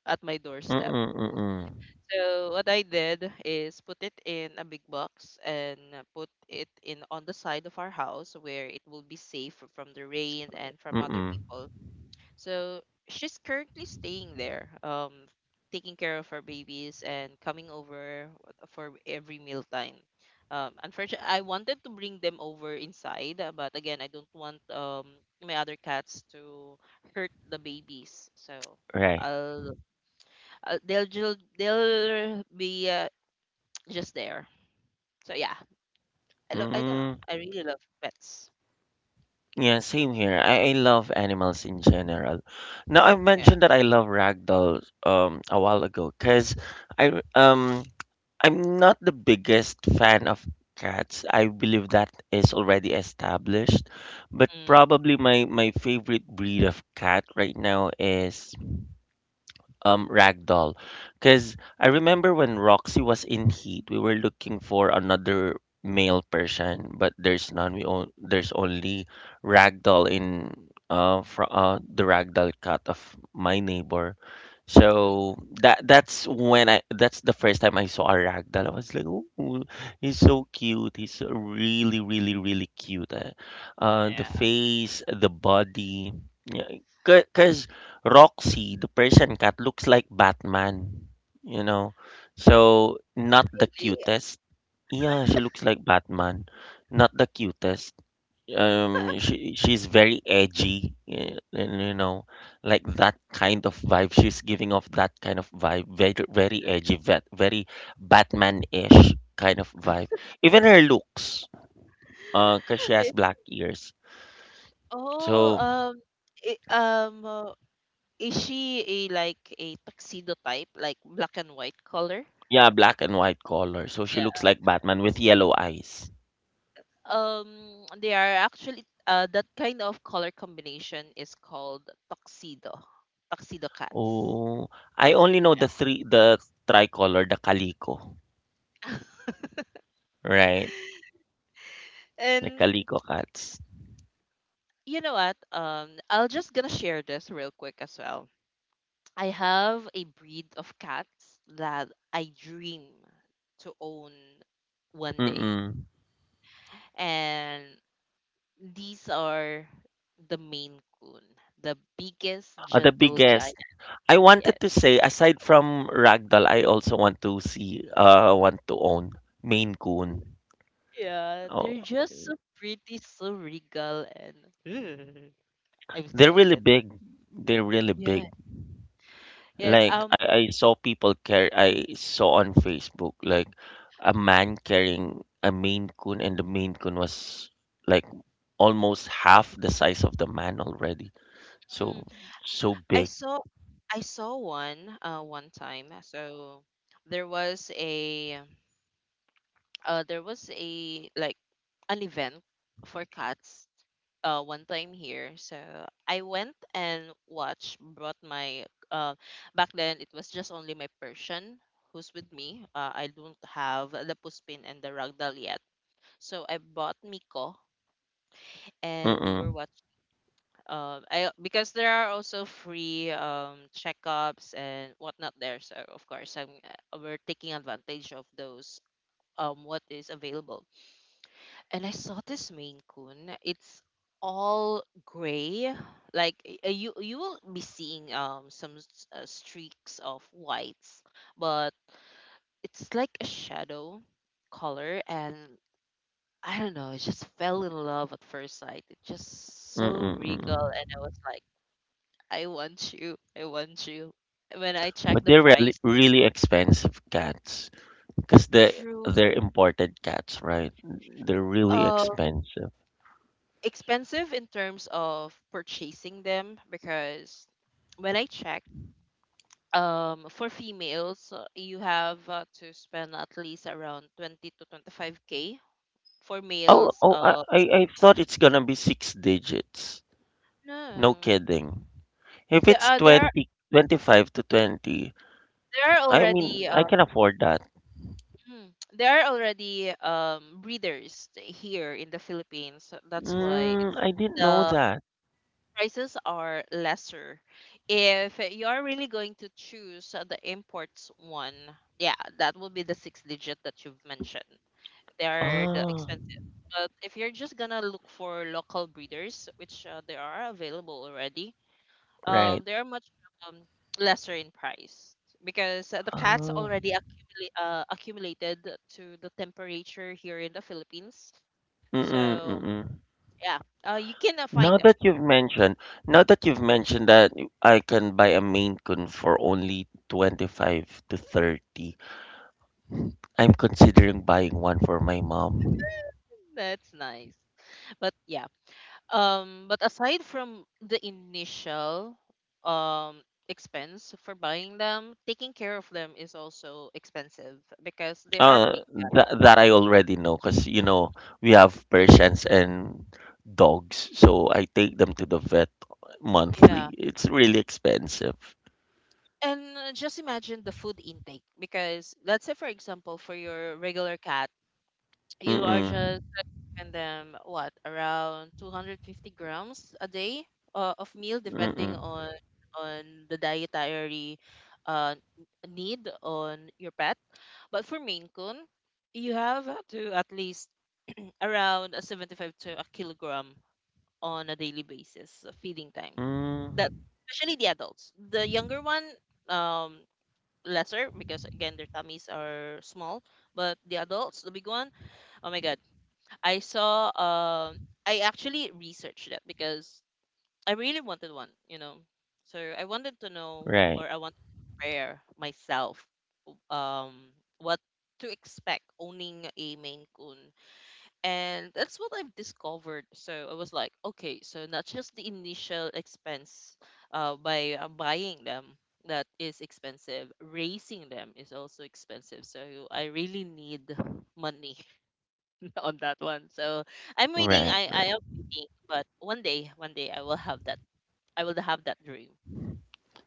B: at my doorstep.
A: Mm-mm, mm-mm.
B: So what I did is put it in a big box and put it in on the side of our house where it will be safe from the rain and from other
A: Mm-mm.
B: people. So she's currently staying there, taking care of her babies and coming over for every mealtime. Unfortunately, I wanted to bring them over inside, but again, I don't want my other cats to hurt the babies. So
A: Right.
B: I'll, I they'll they'll be just there. So yeah, I don't know.
A: Mm-mm.
B: I really love pets.
A: Yeah, same here. I love animals in general. Now, I
B: Yeah.
A: mentioned that I love ragdoll a while ago because I um I'm not the biggest fan of cats. I believe that is already established. But
B: Mm.
A: probably my favorite breed of cat right now is Ragdoll. Because I remember when Roxy was in heat, we were looking for another male Persian, but there's none. There's only Ragdoll in fro the Ragdoll cat of my neighbor.
B: Mhm.
A: So, that's the first time I saw a ragdoll. I was like, oh, he's so cute. He's really, really, really cute. The
B: Yeah.
A: face, the body, because Roxy, the Persian cat, looks like Batman, you know. So not the
B: Really?
A: cutest. Yeah, she looks like Batman. Not the cutest. She's very edgy, and like, that kind of vibe. She's giving off that kind of vibe, very, very edgy, very Batman-ish kind of vibe. Even her looks, 'cause she has black ears.
B: Oh,
A: So,
B: um, i- um, uh, is she a like a tuxedo type, like black and white color?
A: yeah, black and white color. So she
B: Yeah.
A: looks like Batman with yellow eyes.
B: They are actually that kind of color combination is called tuxedo, tuxedo cats.
A: Oh, I only know
B: Yeah.
A: the three the tricolor, the Calico, right? The
B: And
A: Calico cats.
B: you know what? I'll just gonna share this real quick as well. I have a breed of cats that I dream to own one day.
A: Mm-mm.
B: And these are the Maine Coon, the biggest
A: Oh, the
B: gentle giant
A: biggest. I
B: yet.
A: wanted to say, aside from Ragdoll, I also want to own Maine Coon.
B: Yeah,
A: Oh,
B: they're just so pretty, so regal, and I'm
A: they're really
B: excited.
A: big. They're really
B: Yeah.
A: big.
B: Yes.
A: Like, I saw people carry. I saw on Facebook like a man carrying a Maine Coon, and the Maine Coon was like almost half the size of the man already.
B: Mm,
A: So so
B: I
A: big.
B: saw, I saw one, one time. So there was a, there was a like an event for cats one time here. So I went and watched, brought my, uh, back then it was just only my Persian who's with me. I don't have the Puspin and the Ragdoll yet. So I bought Miko and we were
A: Mm-mm,
B: watching, because there are also free checkups and whatnot there. So of course, we're taking advantage of those, what is available. And I saw this Maine Coon. It's all gray. You you will be seeing streaks of whites, but it's like a shadow color, and I don't know, I just fell in love at first sight. It's just so
A: mm-mm,
B: regal
A: mm-mm.
B: and I was like, I want you. I want you. When I checked
A: But
B: the
A: they're really,
B: price,
A: really expensive cats because they
B: true.
A: they're imported cats, right? They're really
B: Uh
A: expensive.
B: expensive in terms of purchasing them because when I check for females you have to spend at least around 20 to 25k for
A: Oh
B: males
A: oh, I I I thought it's gonna be six digits. No
B: no
A: kidding. If
B: there
A: it's
B: are
A: 20, 25 to 20,
B: there are
A: I
B: already
A: mean, I
B: uh,
A: can afford that.
B: there are already breeders here in the Philippines so that's why
A: Mm,
B: it's
A: I didn't know
B: the
A: that.
B: prices are lesser. If you're really going to choose the imports one, yeah that will be the six digit that you've mentioned, they are the
A: Ah,
B: expensive. But if you're just gonna look for local breeders, which there are available already,
A: right.
B: they are much um, lesser in price because uh, the cats
A: Ah,
B: already accumulate uh, accumulated to the temperature here in the Philippines.
A: mm-mm,
B: So
A: mm-mm.
B: yeah, you can
A: Now
B: find them.
A: that you've mentioned, Now that you've mentioned that I can buy a Maine Coon for only 25 to 30, I'm considering buying one for my mom.
B: That's nice. But yeah, but aside from the initial um expense for buying them, taking care of them is also expensive because they are
A: Uh,
B: big cats.
A: that I already know because we have Persians and dogs, so I take them to the vet monthly.
B: Yeah.
A: It's really expensive.
B: And just imagine the food intake. Because let's say, for example, for your regular cat, you are
A: Mm-mm,
B: just giving them what, around 250 grams a day of meal, depending
A: mm-mm,
B: on the dietary uh, n- need on your pet. But for Maine Coon, you have to at least around a 75 to a kilogram on a daily basis of feeding time. That,
A: mm,
B: especially the adults. The younger one, um, lesser, because again their tummies are small. But the adults, the big one, oh my god! I saw. I actually researched that because I really wanted one. So I wanted to know,
A: right,
B: or I wanted to prepare myself um what to expect owning a Maine Coon. And that's what I've discovered. So I was like, okay, so not just the initial expense by buying them, that is expensive, raising them is also expensive. So I really need money on that one. So I'm waiting.
A: right,
B: I
A: right.
B: am waiting, but one day I will have that. I will have that dream.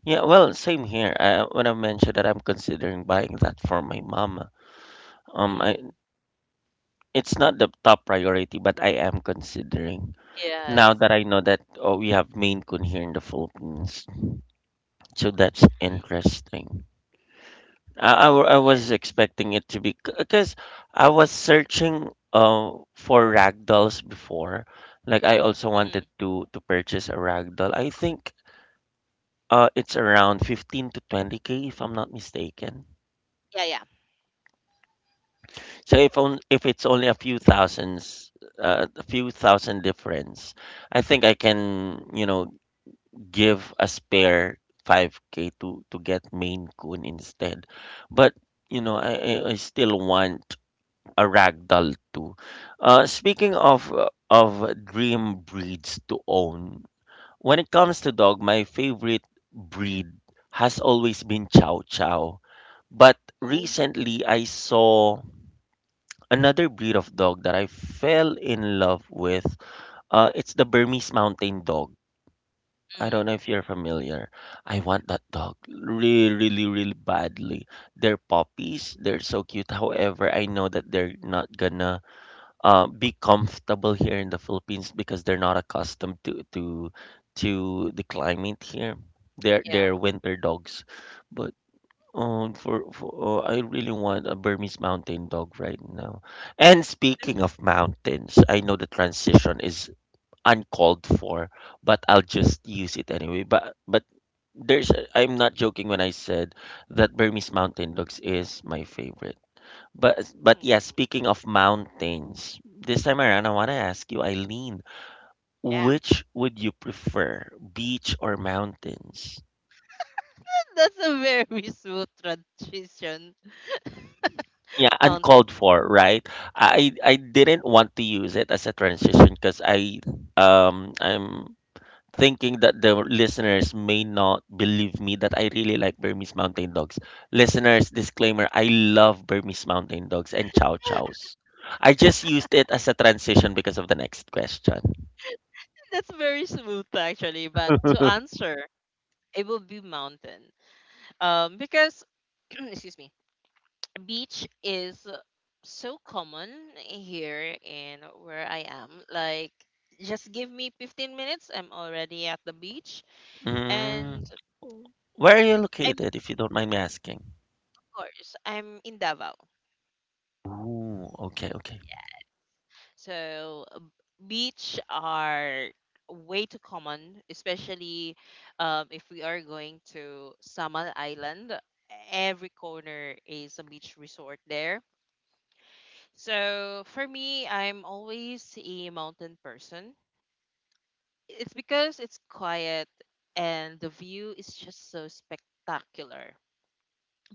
A: Yeah, well, same here. When I mentioned that I'm considering buying that for my mom. Um, I,
B: Mm.
A: it's not the top priority, but I am considering, now
B: Yes.
A: that I know that, oh, we have Maine Coon here in the Philippines. So that's interesting. I, I, wa-
B: Yes.
A: I was expecting it to be, because I was searching for ragdolls before. Like, I also
B: Mm.
A: wanted to purchase a ragdoll. I think, it's around 15 to 20K if I'm not mistaken.
B: Yeah. Yeah.
A: So, if it's only a few thousands, a few thousand difference, I think I can, give a spare 5K to get Maine Coon instead. But, I still want a ragdoll too. Speaking of dream breeds to own, when it comes to dog, my favorite breed has always been Chow Chow. But
B: Ooh.
A: recently, I saw another breed of dog that I fell in love with. Uh, it's the Burmese Mountain Dog. I
B: Mm.
A: don't know if you're familiar. I want that dog really, really, really badly. They're puppies. They're so cute. However, I know that they're not gonna, be comfortable here in the Philippines because they're not accustomed to the climate here. They're
B: Yeah.
A: they're winter dogs, but I really want a Burmese mountain dog right now. And speaking of mountains, I know the transition is uncalled for, but I'll just use it anyway. But there's I'm not joking when I said that Burmese mountain dogs is my favorite. But
B: Mm,
A: yeah, speaking of mountains, this time around, I want to ask you, Eileen,
B: yeah.
A: which would you prefer, beach or mountains?
B: That's a very smooth transition.
A: Yeah,
B: Mountain.
A: uncalled for, right? I didn't want to use it as a transition because I'm thinking that the listeners may not believe me that I really like Burmese Mountain Dogs. Listeners, disclaimer: I love Burmese Mountain Dogs and Chow Chows. I just used it as a transition because of the next question.
B: That's very smooth actually, but to answer, it will be mountain. Because excuse me, beach is so common here in where I am. Like, just give me 15 minutes, I'm already at the beach. And
A: mm, where are you
B: I mean,
A: located, if you don't mind me asking?
B: of course, I'm in Davao.
A: Ooh, okay, okay,
B: So beach are way too common, especially if we are going to Samal Island. Every corner is a beach resort there. So for me, I'm always a mountain person. It's because it's quiet and the view is just so spectacular.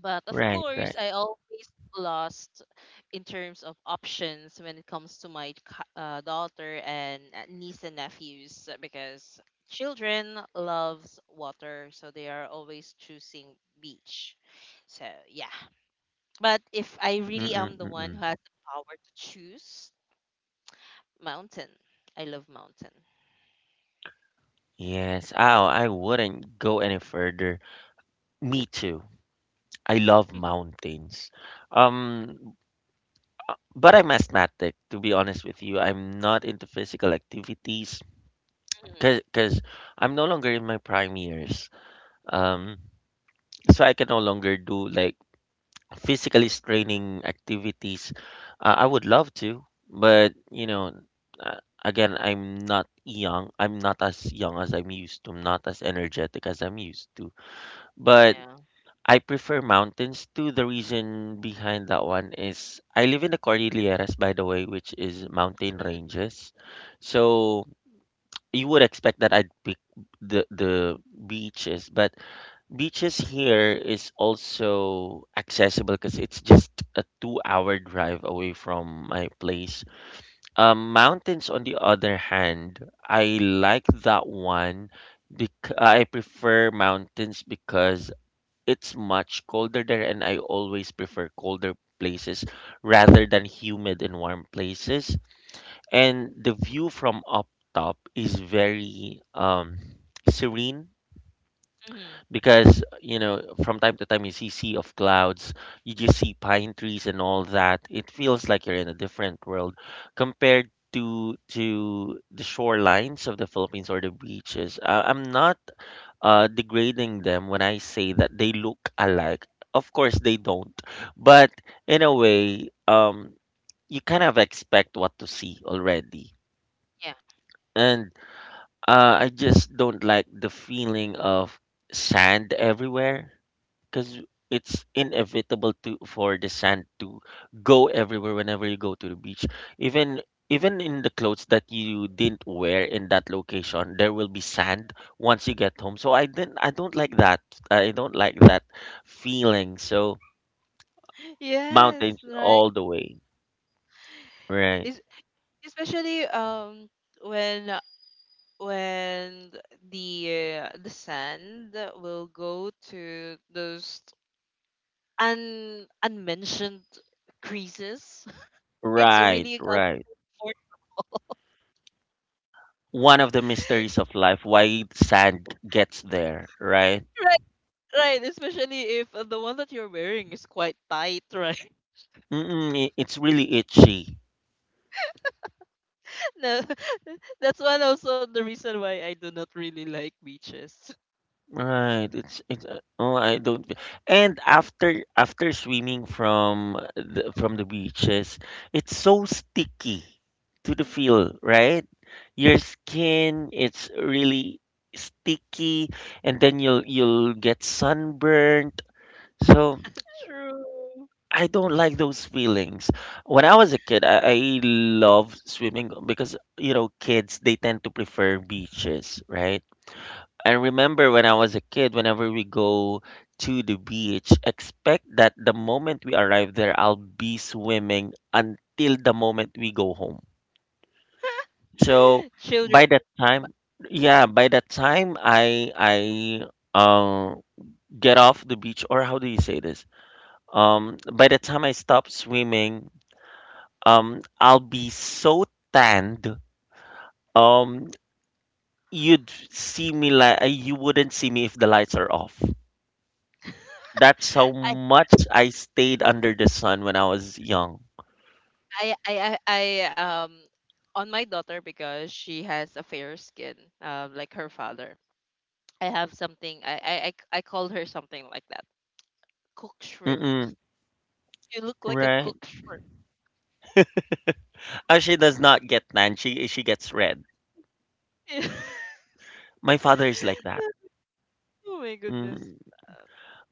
B: But of
A: right,
B: course,
A: right.
B: I always lost in terms of options when it comes to my daughter and niece and nephews because children loves water, so they are always choosing beach. So yeah, but if I really am the one who
A: Mm-mm-mm.
B: has the power to choose mountain, I love mountain.
A: Yes, oh, I wouldn't go any further. Me too. I love mountains. Um, but I'm asthmatic, to be honest with you. I'm not into physical activities because I'm no longer in my prime years. Um, so I can no longer do, like, physically straining activities. I would love to, but, again, I'm not young. I'm not as young as I'm used to. I'm not as energetic as I'm used to. But
B: Yeah.
A: I prefer mountains too. The reason behind that one is I live in the Cordilleras, by the way, which is mountain ranges. So you would expect that I'd pick the beaches, but beaches here is also accessible because it's just a 2-hour drive away from my place. Mountains, on the other hand, I like that one. Bec I prefer mountains because it's much colder there, and I always prefer colder places rather than humid and warm places. And the view from up top is very, serene
B: Hmm.
A: because, from time to time you see sea of clouds, you just see pine trees and all that. It feels like you're in a different world compared to the shorelines of the Philippines or the beaches. I'm not, degrading them when I say that they look alike. Of course, they don't, but in a way, you kind of expect what to see already.
B: Yeah.
A: And, I just don't like the feeling of sand everywhere, because it's inevitable to for the sand to go everywhere whenever you go to the beach, even even in the clothes that you didn't wear in that location, there will be sand once you get home. So I don't like that. I don't like that feeling, so
B: Yes.
A: mountains
B: Right.
A: all the way, right?
B: Es- especially when when the sand will go to those un unmentioned creases. It's
A: Right.
B: really uncomfortable.
A: right one of the mysteries of life, why sand gets there, right?
B: Right, right. Especially if the one that you're wearing is quite tight, right?
A: Mm-mm, it's really itchy.
B: No, that's one also the reason why I do not really like beaches.
A: Right. It's Oh, I don't. And after swimming from the beaches, it's so sticky to the feel, right? Your skin, it's really sticky, and then you'll get sunburnt. So
B: True.
A: I don't like those feelings. When I was a kid, I loved swimming because kids, they tend to prefer beaches, right? I remember when I was a kid, whenever we go to the beach, expect that the moment we arrive there, I'll be swimming until the moment we go home. So
B: Children.
A: by that time, yeah, by that time I uh, get off the beach, or how do you say this? By the time I stop swimming, I'll be so tanned. Um, You'd see me like you wouldn't see me if the lights are off. That's how
B: I,
A: much I stayed under the sun when I was young.
B: I, I, I, I, um, on my daughter, because she has a fair skin, like her father. I have something. I called her something like that. Cook shrimp.
A: Mm-mm,
B: You look like a
A: right?
B: cook shrimp.
A: She does not get tan. She gets red.
B: Yes.
A: My father is like that.
B: Oh my goodness.
A: Mm.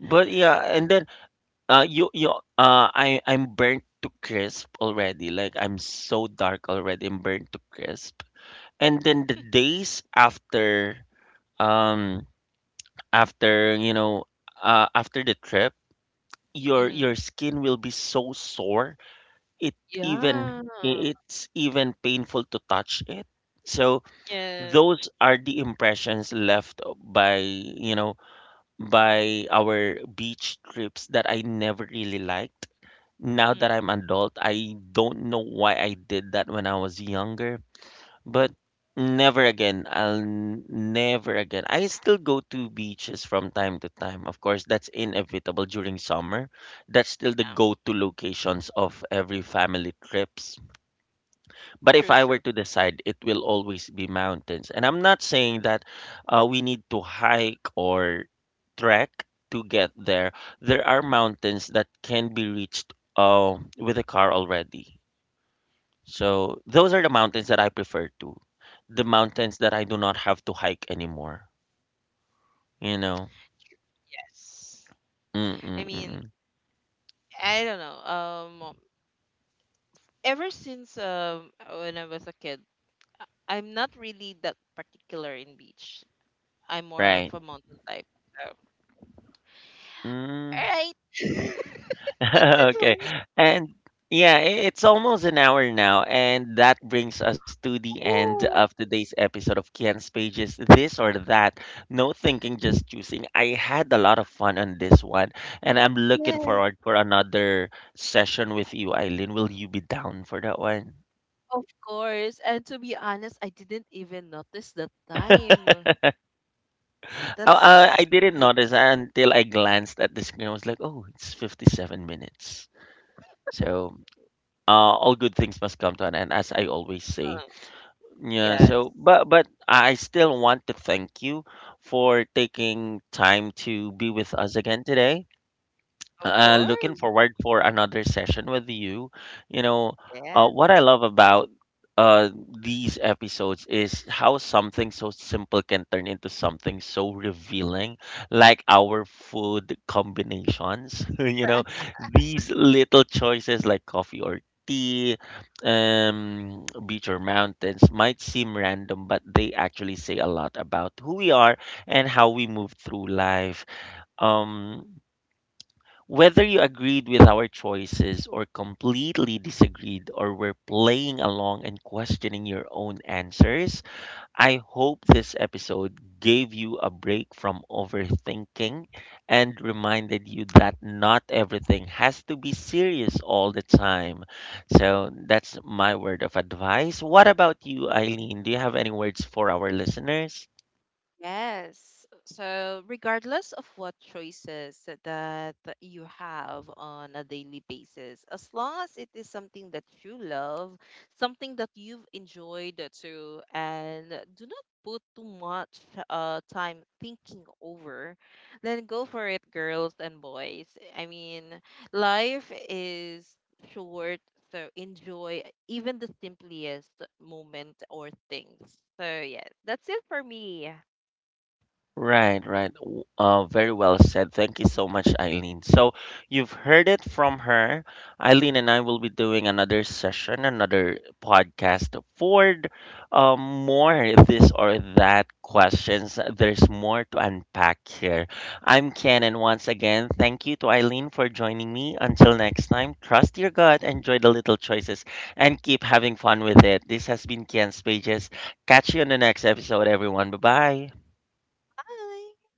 A: But yeah, and then you you I I'm burnt to crisp already. Like I'm so dark already. I'm burnt to crisp. And then the days after um after you know after the trip, your
B: Mm-hmm.
A: your skin will be so sore it even
B: Yeah.
A: it's even painful to touch it, so
B: Yeah.
A: those are the impressions left by you know by our beach trips that I never really liked. Now that
B: Mhm.
A: I'm adult, I don't know why I did that when I was younger. But never again. Never again. I still go to beaches from time to time, of course. That's inevitable during summer. That's still the
B: Yeah.
A: go-to locations of every family trips. But if
B: True.
A: I were
B: True.
A: to decide, it will always be mountains. And I'm not saying that we need to hike or trek to get there. There are mountains that can be reached with a car already. So those are the mountains that I prefer to. The mountains that I do not have to hike anymore. You know?
B: Yes. I mean,
A: Mm-mm-mm.
B: I don't know. Ever since when I was a kid, I'm not really that particular in beach. I'm more of
A: Right.
B: a mountain type. So, all
A: Mm.
B: right. That's it for
A: Okay.
B: me.
A: And yeah, it's almost an hour now, and that brings us to the end of
B: Oh,
A: today's episode of Kian's Pages, This or That. No thinking, just choosing. I had a lot of fun on this one, and I'm looking
B: yes.
A: forward for another session with you, Eileen. Will you be down for that one?
B: Of course. And to be honest, I didn't even notice the time.
A: Uh,
B: That's
A: I didn't notice until I glanced at the screen. I was like, oh, it's 57 minutes. So, uh, all good things must come to an end, as I always say.
B: uh,
A: Yeah,
B: yes.
A: so but I still want to thank you for taking time to be with us again today.
B: Of
A: Uh, looking
B: course.
A: forward for another session with you. You know,
B: Yeah.
A: what I love about uh, these episodes is how something so simple can turn into something so revealing, like our food combinations. You know, these little choices like coffee or tea, beach or mountains might seem random, but they actually say a lot about who we are and how we move through life. Um, Whether you agreed with our choices or completely disagreed or were playing along and questioning your own answers, I hope this episode gave you a break from overthinking and reminded you that not everything has to be serious all the time. So that's my word of advice. What about you, Eileen? Do you have any words for our listeners?
B: Yes. So, regardless of what choices that you have on a daily basis, as long as it is something that you love, something that you've enjoyed too, and do not put too much time thinking over, then go for it, girls and boys. I mean, life is short, so enjoy even the simplest moment or things. So, yes, that's it for me.
A: Right, right. Very well said. Thank you so much, Eileen. So you've heard it from her. Eileen and I will be doing another session, another podcast for um, more this or that questions. There's more to unpack here. I'm Ken, and once again, thank you to Eileen for joining me. Until next time, trust your gut, enjoy the little choices, and keep having fun with it. This has been Ken's Pages. Catch you on the next episode, everyone. Bye bye.
B: Bye.